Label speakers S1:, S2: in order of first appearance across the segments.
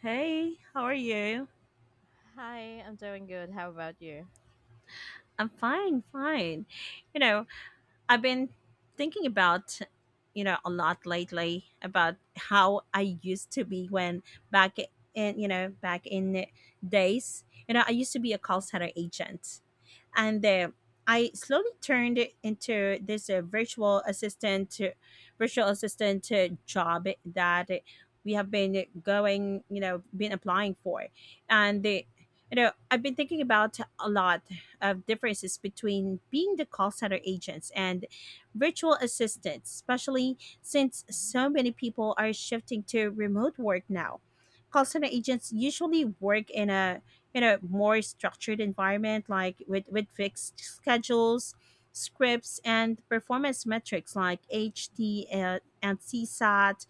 S1: Hey, how are you?
S2: Hi, I'm doing good. How about you?
S1: I'm fine, fine. You know, I've been thinking about a lot lately about how I used to be when back back in days, I used to be a call center agent. And I slowly turned it into this virtual virtual assistant job that we have been been applying for, and
S2: Hmm.
S1: the, you know, I've been thinking about a lot of differences between being the call center agents and virtual assistants, especially since so many people are shifting to remote work now. Call center agents usually work in a more structured environment like with fixed schedules, scripts, and performance metrics like ht and csat,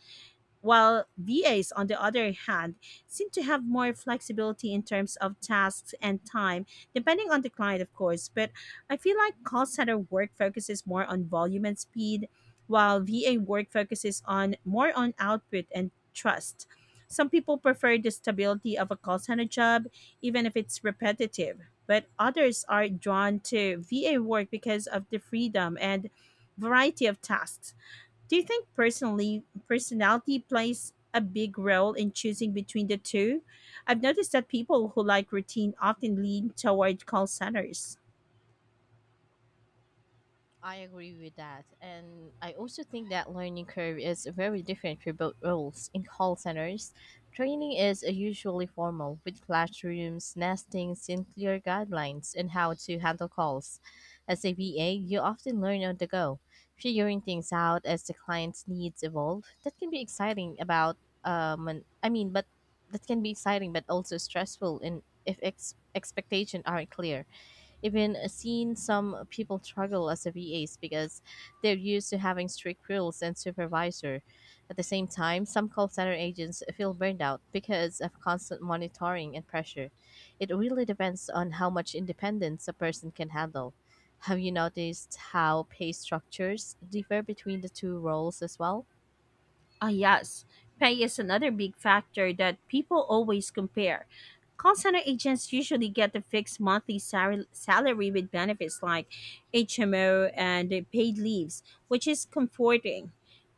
S1: while VAs, on the other hand, seem to have more flexibility in terms of tasks and time, depending on the client, of course. But I feel like call center work focuses more on volume and speed, while VA work focuses on more on output and trust. Some people prefer the stability of a call center job, even if it's repetitive, but others are drawn to VA work because of the freedom and variety of tasks. Do you think personally personality plays a big role in choosing between the two? I've noticed that people who like routine often lean toward call centers.
S2: I agree with that. And I also think that learning curve is very different for both roles. In call centers, training is usually formal with classrooms, nestings, and clear guidelines on how to handle calls. As a V A, you often learn on the go, figuring things out as the client's needs evolve. That can be exciting about I mean, but that can be exciting but also stressful in if ex- expectations aren't clear. Even seen some people struggle as VAs because they're used to having strict rules and supervisor. At the same time, some call center agents feel burned out because of constant monitoring and pressure. It really depends on how much independence a person can handle. Have you noticed how pay structures differ between the two roles as well?
S1: Ah, yes. Pay is another big factor that people always compare. Call center agents usually get a fixed monthly salary with benefits like HMO and paid leaves, which is comforting.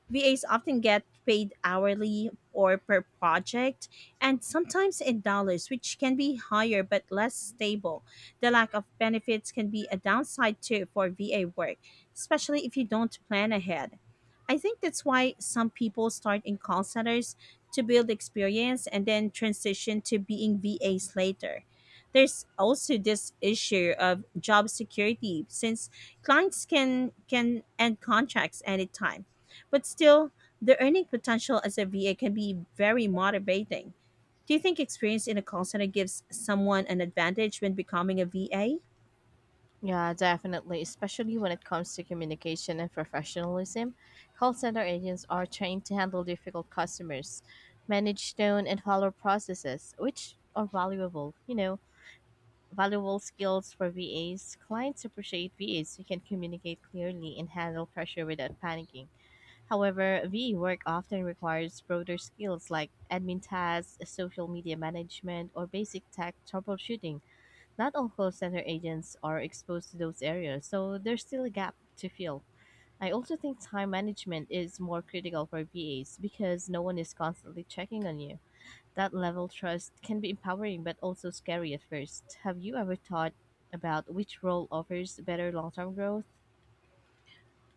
S1: VAs often get paid hourly or per project, and sometimes in dollars, which can be higher but less stable. The lack of benefits can be a downside too for VA work, especially if you don't plan ahead. I think that's why some people start in call centers to build experience and then transition to being VAs later. There's also this issue of job security since clients can end contracts anytime, but still, the earning potential as a VA can be very motivating. Do you think experience in a call center gives someone an advantage when becoming a VA?
S2: Yeah, definitely, especially when it comes to communication and professionalism. Call center agents are trained to handle difficult customers, manage tone, and follow processes, which are valuable skills for VAs. Clients appreciate VAs who can communicate clearly and handle pressure without panicking. However, VA work often requires broader skills like admin tasks, social media management, or basic tech troubleshooting. Not all call center agents are exposed to those areas, so there's still a gap to fill. I also think time management is more critical for VAs because no one is constantly checking on you. That level of trust can be empowering but also scary at first. Have you ever thought about which role offers better long term growth?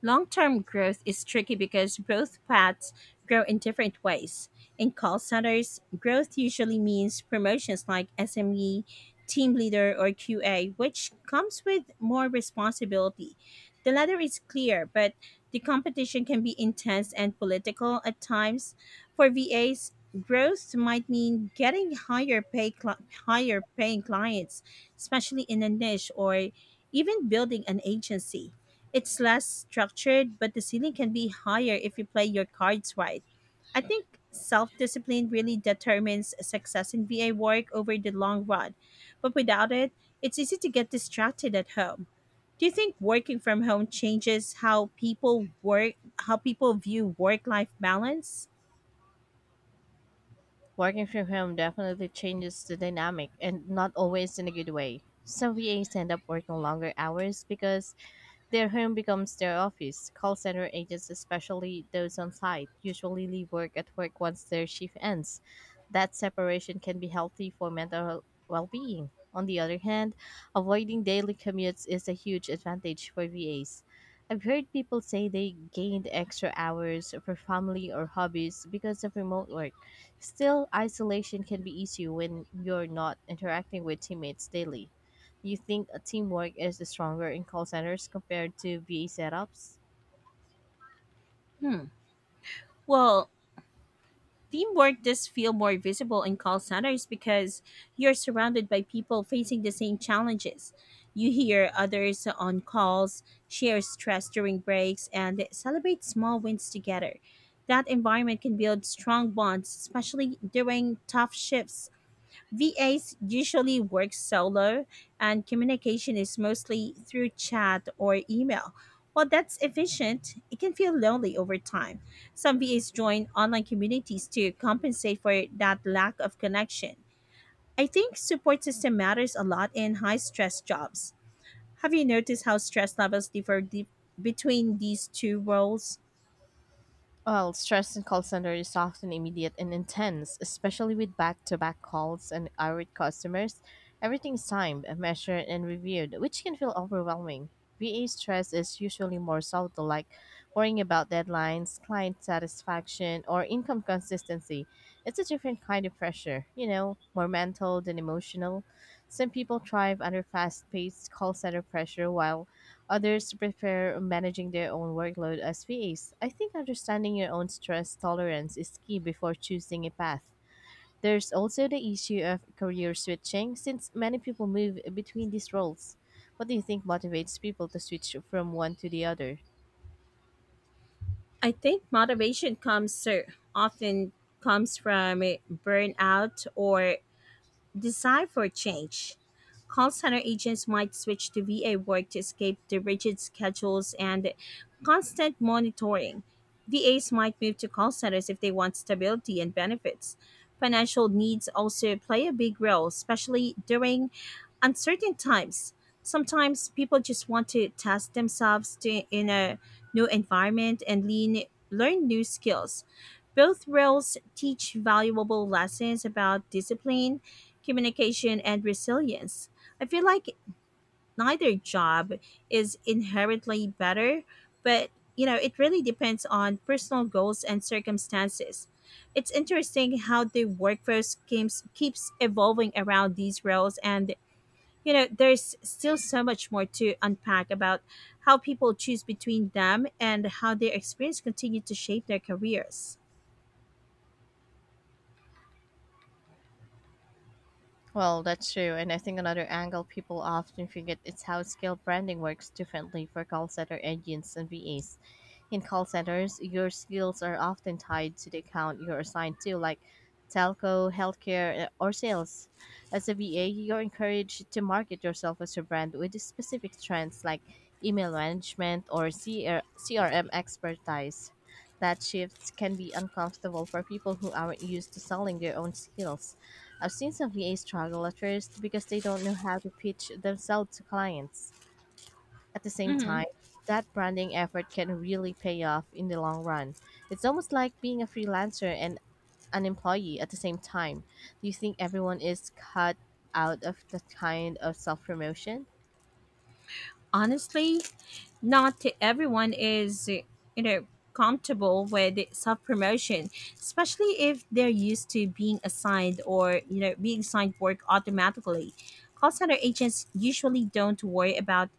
S1: Long term growth is tricky because growth paths grow in different ways. In call centers, growth usually means promotions like SME, team leader, or QA, which comes with more responsibility. The latter is clear, but the competition can be intense and political at times. For VAs, growth might mean getting higher paying clients, especially in a niche, or even building an agency. It's less structured, but the ceiling can be higher if you play your cards right. I think self discipline really determines success in VA work over the long run, but without it, it's easy to get distracted at home. Do you think working from home changes how people work, how people view work life balance?
S2: Working from home definitely changes the dynamic and not always in a good way. Some VAs end up working longer hours because their home becomes their office. Call center agents, especially those on site, usually leave work at work once their shift ends. That separation can be healthy for mental well being. On the other hand, avoiding daily commutes is a huge advantage for VAs. I've heard people say they gained extra hours for family or hobbies because of remote work. Still, isolation can be easy when you're not interacting with teammates daily. You think a teamwork is the stronger in call centers compared to VA setups?
S1: Hmm. Well, teamwork does feel more visible in call centers because you're surrounded by people facing the same challenges. You hear others on calls, share stress during breaks, and celebrate small wins together. That environment can build strong bonds, especially during tough shifts. VAs usually work solo, and communication is mostly through chat or email. While that's efficient, it can feel lonely over time. Some VAs join online communities to compensate for that lack of connection. I think support system matters a lot in high stress jobs. Have you noticed how stress levels between these two roles?
S2: Well, stress in call center is often immediate and intense, especially with back-to-back calls and irate customers. Everything is timed, measured, and reviewed, which can feel overwhelming. VA stress is usually more subtle, like worrying about deadlines, client satisfaction, or income consistency. It's a different kind of pressure, you know, more mental than emotional. Some people thrive under fast paced call center pressure, while others prefer managing their own workload as VAs. I think understanding your own stress tolerance is key before choosing a path. There's also the issue of career switching, since many people move between these roles. What do you think motivates people to switch from one to the other?
S1: I think motivation comes so often comes from burnout or desire for change. Call center agents might switch to VA work to escape the rigid schedules and constant monitoring. VAs might move to call centers if they want stability and benefits. Financial needs also play a big role, especially during uncertain times. Sometimes people just want to test themselves in a new environment and learn new skills. Both roles teach valuable lessons about discipline, communication, and resilience. I feel like neither job is inherently better, but it really depends on personal goals and circumstances. It's interesting how the workforce keeps evolving around these roles, and there's still so much more to unpack about how people choose between them and how their experience continue to shape their careers.
S2: Well, that's true, and I think another angle people often forget is how scale branding works differently for call center agents and VAs. In call centers, your skills are often tied to the account you're assigned to, like telco, healthcare or sales. As a VA, you're encouraged to market yourself as a brand with specific strengths like email management or CRM expertise. That shift can be uncomfortable for people who aren't used to selling their own skills. I've seen some VAs struggle at first because they don't know how to pitch themselves to clients. At the same
S1: Hmm.
S2: time, that branding effort can really pay off in the long run. It's almost like being a freelancer and an employee at the same time. Do you think everyone is cut out of that kind of self promotion?
S1: Honestly, not everyone is comfortable with self promotion, especially if they're used to being assigned, or being assigned work automatically. Call center agents usually don't worry about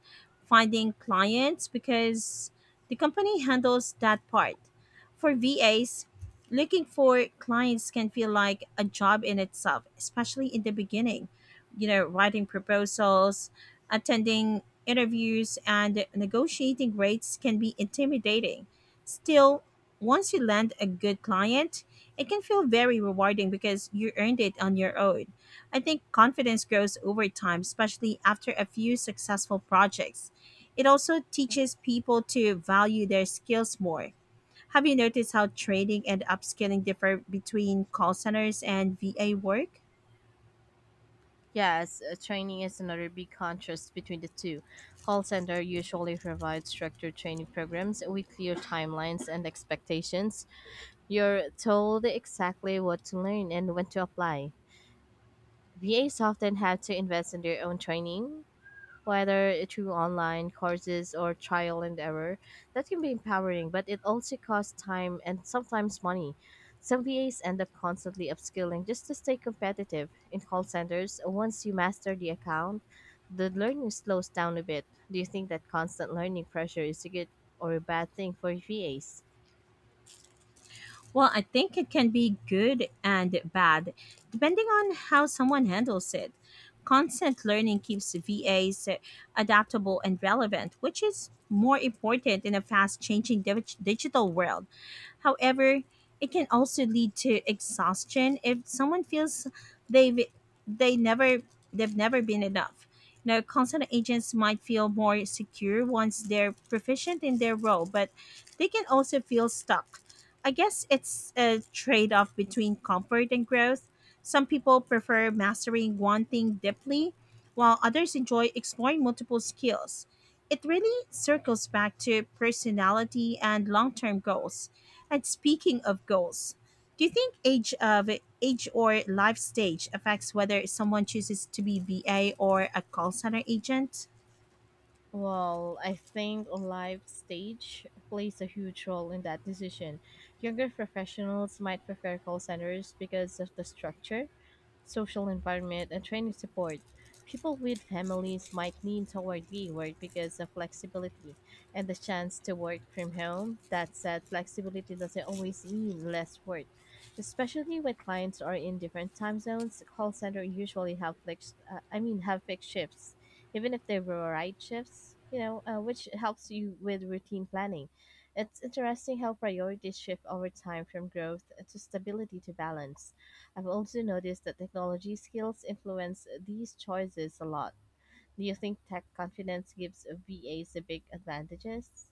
S1: finding clients because the company handles that part. For VAs, looking for clients can feel like a job in itself, especially in the beginning, writing proposals, attending interviews, and negotiating rates can be intimidating. Still, once you land a good client, it can feel very rewarding because you earned it on your own. I think confidence grows over time, especially after a few successful projects. It also teaches people to value their skills more. Have you noticed how training and upskilling differ between call centers and VA work?
S2: Yes, Training is another big contrast between the two. Call center usually provides structured training programs with clear timelines and expectations. You're told exactly what to learn and when to apply. VAs often have to invest in their own training, whether through online courses or trial and error. That can be empowering, but it also costs time and sometimes money. Some VAs end up constantly upskilling just to stay competitive. In call centers, once you master the account, the learning slows down a bit. Do you think that constant learning pressure is a good or a bad thing for VAs?
S1: Well, I think it can be good and bad, depending on how someone handles it. Constant learning keeps VAs adaptable and relevant, which is more important in a fast changing digital world. However, it can also lead to exhaustion if someone feels they've they never they've never been enough. Now, consultant agents might feel more secure once they're proficient in their role, but they can also feel stuck. I guess it's a trade off between comfort and growth. Some people prefer mastering one thing deeply, while others enjoy exploring multiple skills. It really circles back to personality and long term goals. And speaking of goals, do you think age or life stage affects whether someone chooses to be VA or a call center agent?
S2: Well, I think life stage plays a huge role in that decision. Younger professionals might prefer call centers because of the structure, social environment, and training support. People with families might lean toward WeWork because of flexibility and the chance to work from home. That said, flexibility doesn't always mean less work, especially when clients are in different time zones. Call center usually have flex, I mean, have fixed shifts, even if they were right shifts. Which helps you with routine planning. It's interesting how priorities shift over time from growth to stability to balance. I've also noticed that technology skills influence these choices a lot. Do you think tech confidence gives VAs a big advantages?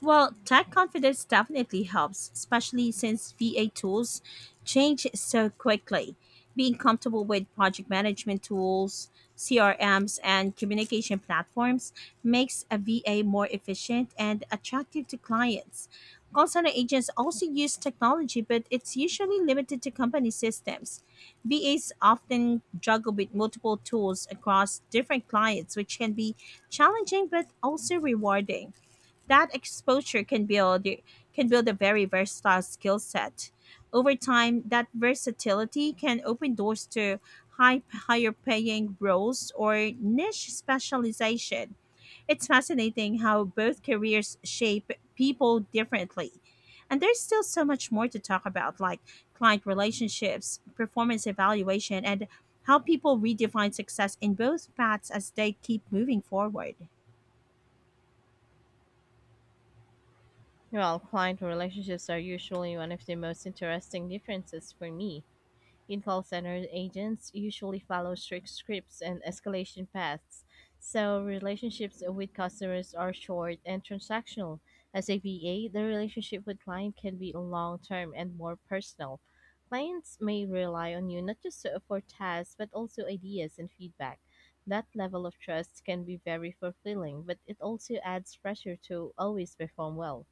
S1: Well, tech confidence definitely helps, especially since VA tools change so quickly. Being comfortable with project management tools, CRMs, and communication platforms makes a VA more efficient and attractive to clients. Call center agents also use technology, but it's usually limited to company systems. VAs often juggle with multiple tools across different clients, which can be challenging but also rewarding. That exposure can build a very versatile skill set. Over time, that versatility can open doors to higher paying roles or niche specialization. It's fascinating how both careers shape people differently. And there's still so much more to talk about, like client relationships, performance evaluation, and how people redefine success in both paths as they keep moving forward.
S2: Well, client relationships are usually one of the most interesting differences for me. In call center, agents usually follow strict scripts and escalation paths. So relationships with customers are short and transactional. As a VA, the relationship with client can be long term and more personal. Clients may rely on you not just for tasks but also ideas and feedback. That level of trust can be very fulfilling, but it also adds pressure to always perform well.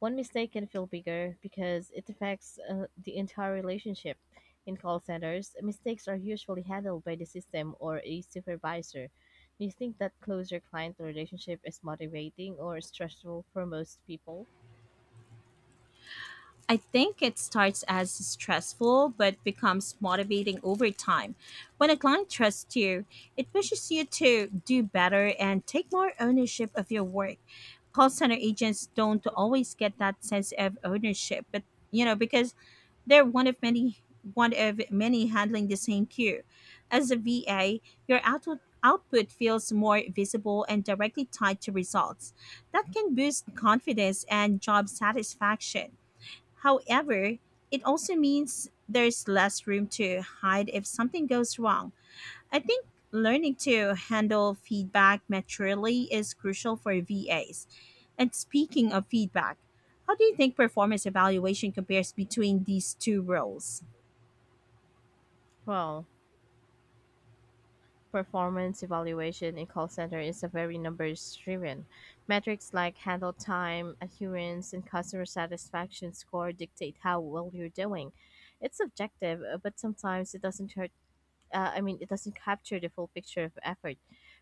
S2: One mistake can feel bigger because it affects the entire relationship. In call centers, mistakes are usually handled by the system or a supervisor. Do you think that closer client relationship is motivating or stressful for most people?
S1: I think it starts as stressful but becomes motivating over time. When a client trusts you, it pushes you to do better and take more ownership of your work. Call center agents don't always get that sense of ownership, but because they're one of many handling the same queue. As a VA, your output feels more visible and directly tied to results. That can boost confidence and job satisfaction. However, it also means there's less room to hide if something goes wrong. I think learning to handle feedback maturely is crucial for VAs. And speaking of feedback, how do you think performance evaluation compares between these two roles?
S2: Well, performance evaluation in call center is a very numbers driven. Metrics like handle time, adherence, and customer satisfaction score dictate how well you're doing. It's subjective, but sometimes it doesn't capture the full picture of effort.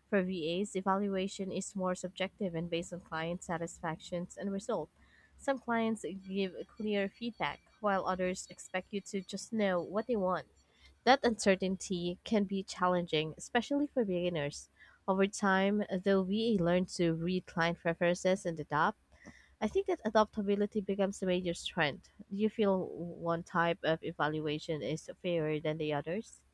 S2: For VAs, evaluation is more subjective and based on client satisfactions and result. Some clients give clear feedback, while others expect you to just know what they want. That uncertainty can be challenging, especially for beginners. Over time, though VA learns to read client preferences and adapt, I think that adaptability becomes a major strength. Do you feel one type of evaluation is fairer than the others?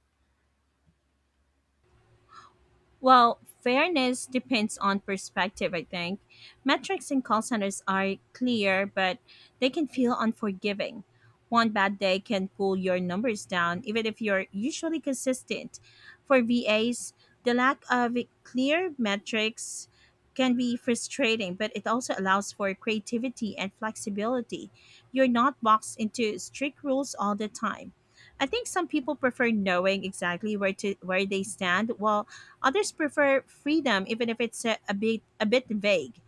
S1: Well, fairness depends on perspective, I think. Metrics in call centers are clear, but they can feel unforgiving. One bad day can pull your numbers down, even if you're usually consistent. For VAs, the lack of clear metrics can be frustrating, but it also allows for creativity and flexibility. You're not boxed into strict rules all the time. I think some people prefer knowing exactly where they stand, while others prefer freedom, even if it's a bit vague.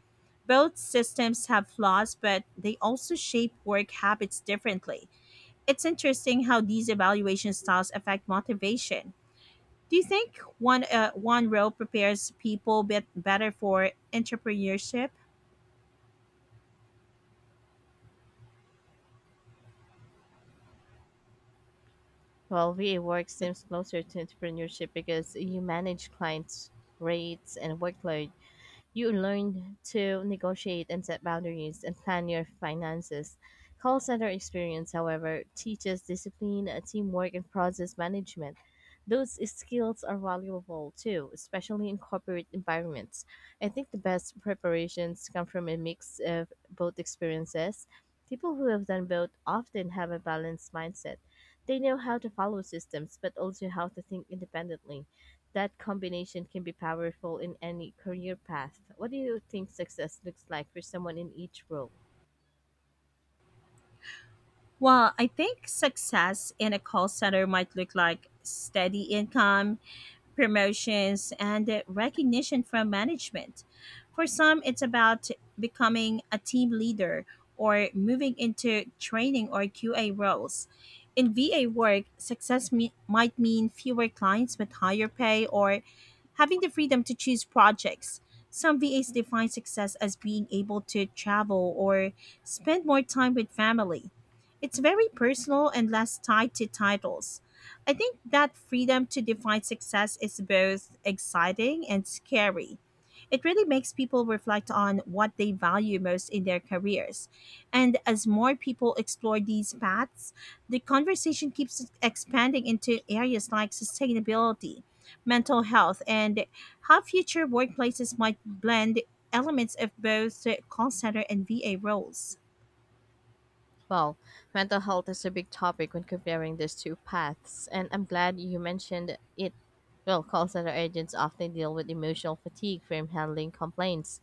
S1: Both systems have flaws, but they also shape work habits differently. It's interesting how these evaluation styles affect motivation. Do you think one role prepares people bit better for entrepreneurship?
S2: Well, VA work seems closer to entrepreneurship because you manage clients' rates and workload. You learn to negotiate and set boundaries and plan your finances. Call center experience, however, teaches discipline, teamwork, and process management. Those skills are valuable too, especially in corporate environments. I think the best preparations come from a mix of both experiences. People who have done both often have a balanced mindset. They know how to follow systems, but also how to think independently. That combination can be powerful in any career path. What do you think success looks like for someone in each role?
S1: Well, I think success in a call center might look like steady income, promotions, and recognition from management. For some, it's about becoming a team leader, or moving into training or QA roles. In VA work, might mean fewer clients with higher pay, or having the freedom to choose projects. Some VAs define success as being able to travel or spend more time with family. It's very personal and less tied to titles. I think that freedom to define success is both exciting and scary. It really makes people reflect on what they value most in their careers. And as more people explore these paths, the conversation keeps expanding into areas like sustainability, mental health, and how future workplaces might blend elements of both call center and VA roles.
S2: Well, mental health is a big topic when comparing these two paths, and I'm glad you mentioned it. Well, call center agents often deal with emotional fatigue from handling complaints,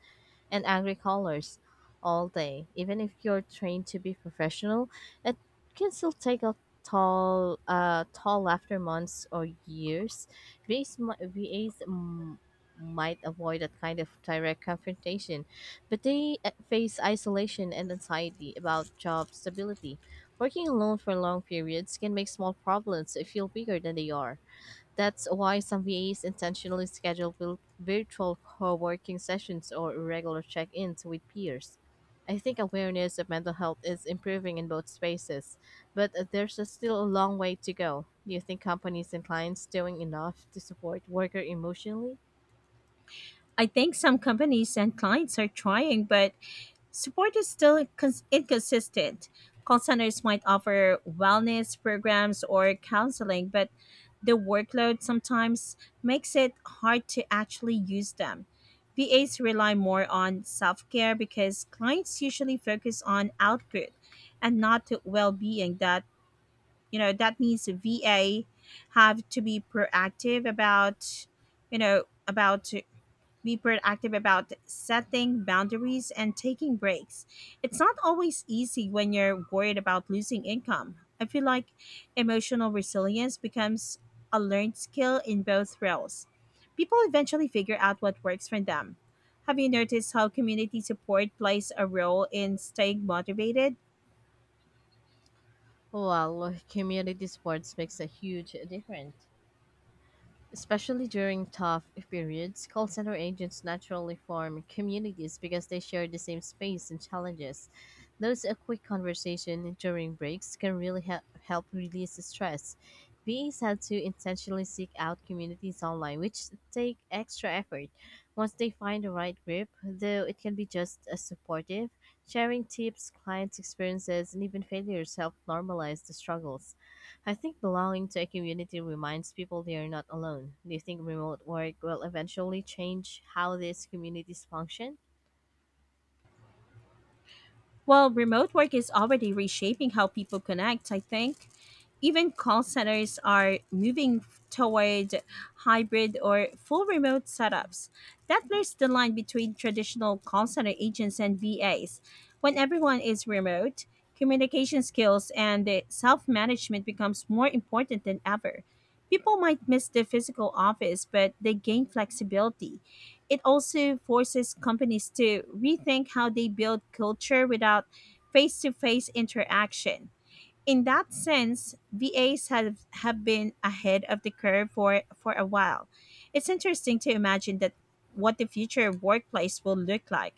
S2: and angry callers all day. Even if you're trained to be professional, it can still take a toll after months or years. VAs might avoid that kind of direct confrontation, but they face isolation and anxiety about job stability. Working alone for long periods can make small problems feel bigger than they are. That's why some VAs intentionally schedule virtual co-working sessions or regular check-ins with peers. I think awareness of mental health is improving in both spaces, but there's a still a long way to go. Do you think companies and clients doing enough to support worker emotionally?
S1: I think some companies and clients are trying, but support is still inconsistent. Call centers might offer wellness programs or counseling, but the workload sometimes makes it hard to actually use them. VAs rely more on self care because clients usually focus on output and not well being. That you know that means VA have to be proactive about you know about setting boundaries and taking breaks. It's not always easy when you're worried about losing income. I feel like emotional resilience becomes a learned skill in both roles. People eventually figure out what works for them. Have you noticed how community support plays a role in staying motivated?
S2: Well, community supports makes a huge difference. Especially during tough periods, call center agents naturally form communities because they share the same space and challenges. Those a quick conversation during breaks can really help release the stress. VAs have to intentionally seek out communities online, which take extra effort. Once they find the right group, though, it can be just as supportive. Sharing tips, clients' experiences, and even failures help normalize the struggles. I think belonging to a community reminds people they are not alone. Do you think remote work will eventually change how these communities function?
S1: Well, remote work is already reshaping how people connect. I think even call centers are moving toward hybrid or full remote setups. That blurs the line between traditional call center agents and VAs. When everyone is remote, communication skills and self management becomes more important than ever. People might miss the physical office, but they gain flexibility. It also forces companies to rethink how they build culture without face to face interaction. In that sense, VAs have been ahead of the curve for a while. It's interesting to imagine that what the future workplace will look like.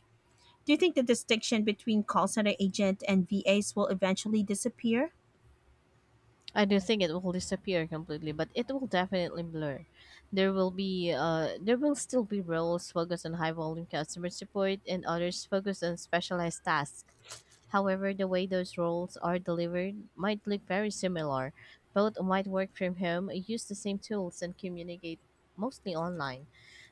S1: Do you think the distinction between call center agent and VAs will eventually disappear?
S2: I do think it will disappear completely, but it will definitely blur. There will still be roles focused on high volume customer support and others focused on specialized tasks. However, the way those roles are delivered might look very similar. Both might work from home, use the same tools, and communicate mostly online.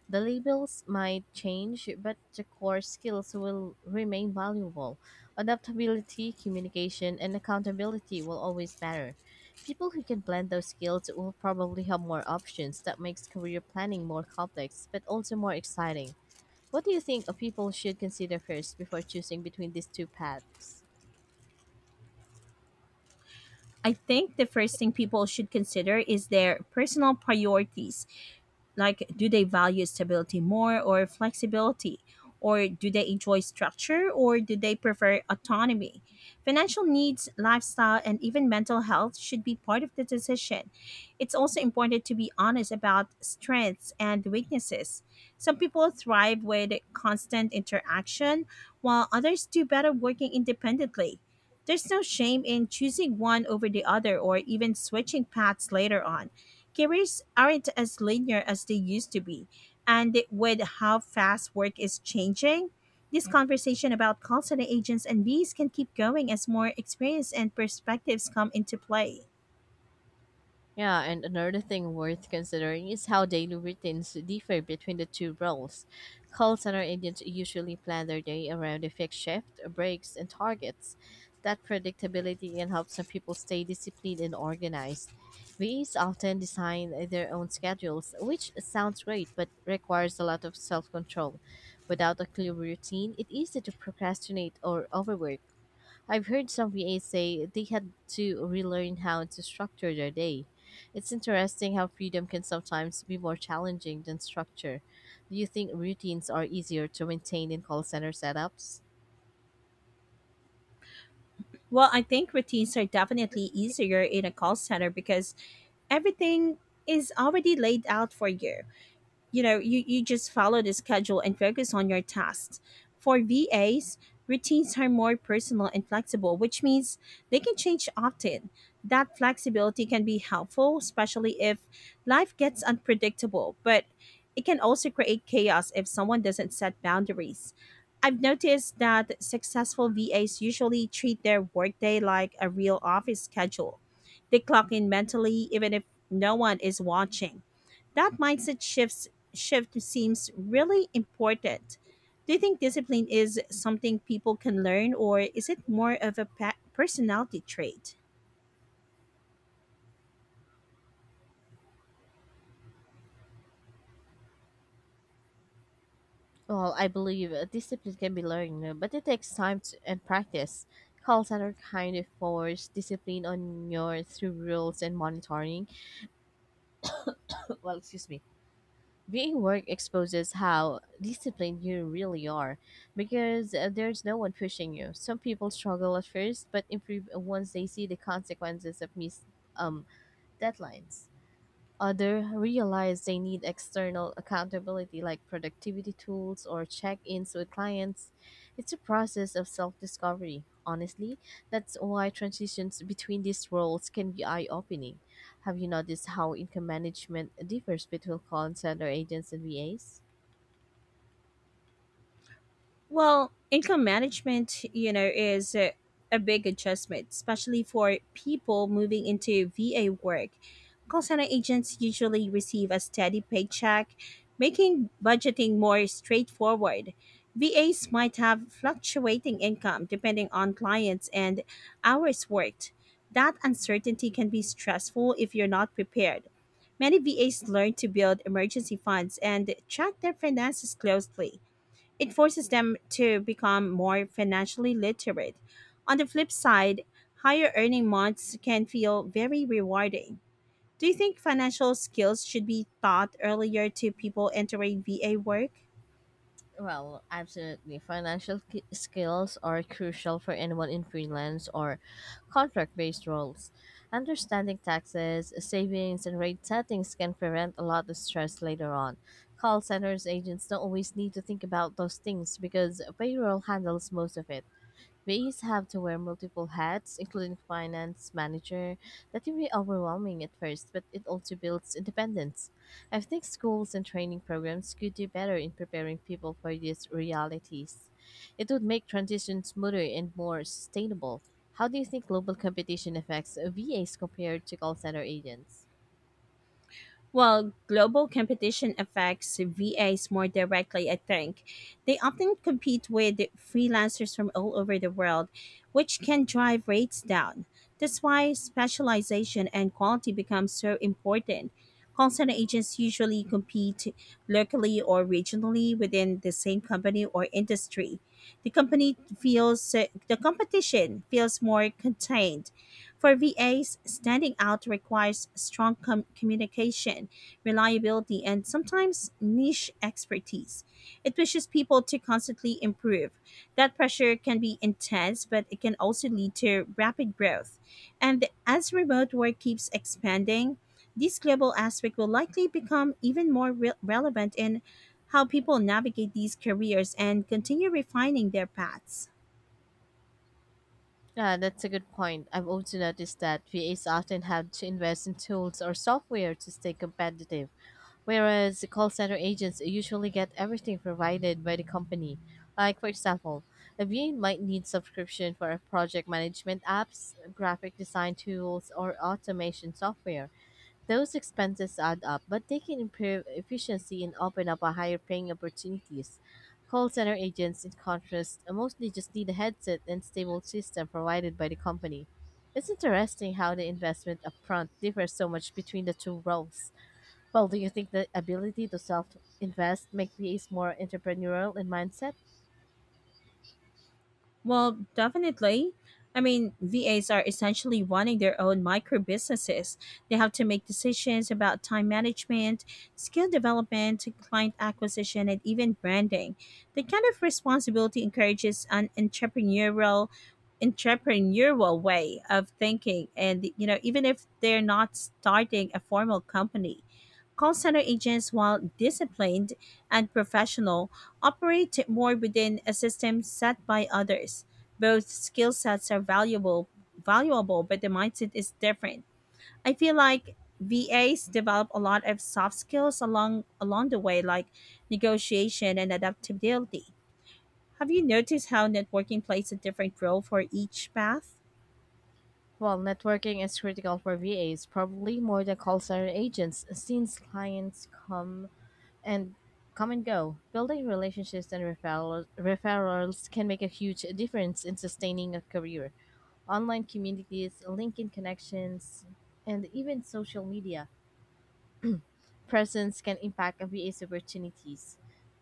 S2: The labels might change, but the core skills will remain valuable. Adaptability, communication, and accountability will always matter. People who can blend those skills will probably have more options that makes career planning more complex but also more exciting. What do you think people should consider first before choosing between these two paths?
S1: I think the first thing people should consider is their personal priorities. Like, do they value stability more or flexibility? Or do they enjoy structure or do they prefer autonomy? Financial needs, lifestyle, and even mental health should be part of the decision. It's also important to be honest about strengths and weaknesses. Some people thrive with constant interaction, while others do better working independently. There's no shame in choosing one over the other or even switching paths later on. Careers aren't as linear as they used to be, and with how fast work is changing, this conversation about call center agents and bees can keep going as more experience and perspectives come into play.
S2: Yeah, and another thing worth considering is how daily routines differ between the two roles. Call center agents usually plan their day around a fixed shift, breaks, and targets. That predictability can help some people stay disciplined and organized. VEs often design their own schedules, which sounds great but requires a lot of self control. Without a clear routine, it's easy to procrastinate or overwork. I've heard some VAs say they had to relearn how to structure their day. It's interesting how freedom can sometimes be more challenging than structure. Do you think routines are easier to maintain in call center setups?
S1: Well, I think routines are definitely easier in a call center because everything is already laid out for you. You just follow the schedule and focus on your tasks. For vas, routines are more personal and flexible, which means they can change often. That flexibility can be helpful, especially if life gets unpredictable, but it can also create chaos if someone doesn't set boundaries. I've noticed that successful vas usually treat their workday like a real office schedule. They clock in mentally even if no one is watching. That mindset shift seems really important. Do you think discipline is something people can learn, or is it more of a personality trait?
S2: Well, I believe discipline can be learned, but it takes time to, and practice. Call center kind of force discipline on your through rules and monitoring. Well, excuse me. Being work exposes how disciplined you really are because there's no one pushing you. Some people struggle at first but improve once they see the consequences of missed um, deadlines. Others realize they need external accountability like productivity tools or check ins with clients. It's a process of self discovery. Honestly, that's why transitions between these roles can be eye opening. Have you noticed how income management differs between call center agents and VAs?
S1: Well, income management, you know, is a big adjustment, especially for people moving into VA work. Call center agents usually receive a steady paycheck, making budgeting more straightforward. VAs might have fluctuating income depending on clients and hours worked. That uncertainty can be stressful if you're not prepared. Many VAs learn to build emergency funds and track their finances closely. It forces them to become more financially literate. On the flip side, higher earning months can feel very rewarding. Do you think financial skills should be taught earlier to people entering VA work?
S2: Well, absolutely. Financial skills are crucial for anyone in freelance or contract based roles. Understanding taxes, savings, and rate settings can prevent a lot of stress later on. Call centers agents don't always need to think about those things because payroll handles most of it. Rays have to wear multiple hats, including finance, manager. That can be overwhelming at first, but it also builds independence. I think schools and training programs could do better in preparing people for these realities. It would make transition smoother and more sustainable. How do you think global competition affects VAs compared to call center agents?
S1: Well, global competition affects VAs more directly, I think. They often compete with freelancers from all over the world, which can drive rates down. That's why specialization and quality become so important. Call center agents usually compete locally or regionally within the same company or industry. The company feels the competition feels more contained. For VAs, standing out requires strong communication, reliability, and sometimes niche expertise. It pushes people to constantly improve. That pressure can be intense, but it can also lead to rapid growth. And as remote work keeps expanding, this global aspect will likely become even more relevant in how people navigate these careers and continue refining their paths.
S2: Yeah, that's a good point. I've also noticed that VAs often have to invest in tools or software to stay competitive. Whereas the call center agents usually get everything provided by the company. Like, for example, a VA might need subscription for a project management apps, graphic design tools, or automation software. Those expenses add up, but they can improve efficiency and open up a higher paying opportunities. Call center agents, in contrast, mostly just need a headset and stable system provided by the company. It's interesting how the investment upfront differs so much between the two roles. Well, do you think the ability to self-invest make VAs more entrepreneurial in mindset?
S1: Well, definitely. I mean, VAs are essentially running their own micro businesses. They have to make decisions about time management, skill development, client acquisition, and even branding. That kind of responsibility encourages an entrepreneurial way of thinking, and you know even if they're not starting a formal company. Call center agents, while disciplined and professional, operate more within a system set by others. Both skill sets are valuable, but the mindset is different. I feel like VAs develop a lot of soft skills along the way, like negotiation and adaptability. Have you noticed how networking plays a different role for each path?
S2: Well, networking is critical for VAs, probably more than call center agents, since clients come and come and go. Building relationships and referrals can make a huge difference in sustaining a career. Online communities, LinkedIn connections, and even social media presence can impact VA's opportunities.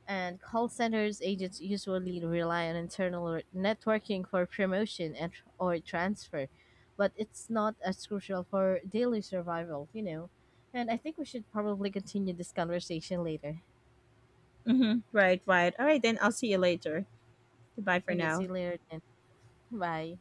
S2: And call centers agents usually rely on internal networking for promotion and or transfer, but it's not as crucial for daily survival, you know. And I think we should probably continue this conversation later.
S1: Mm-hmm. Right, right. All right, then I'll see you later. Goodbye for
S2: Okay, see
S1: now.
S2: you later then. Bye.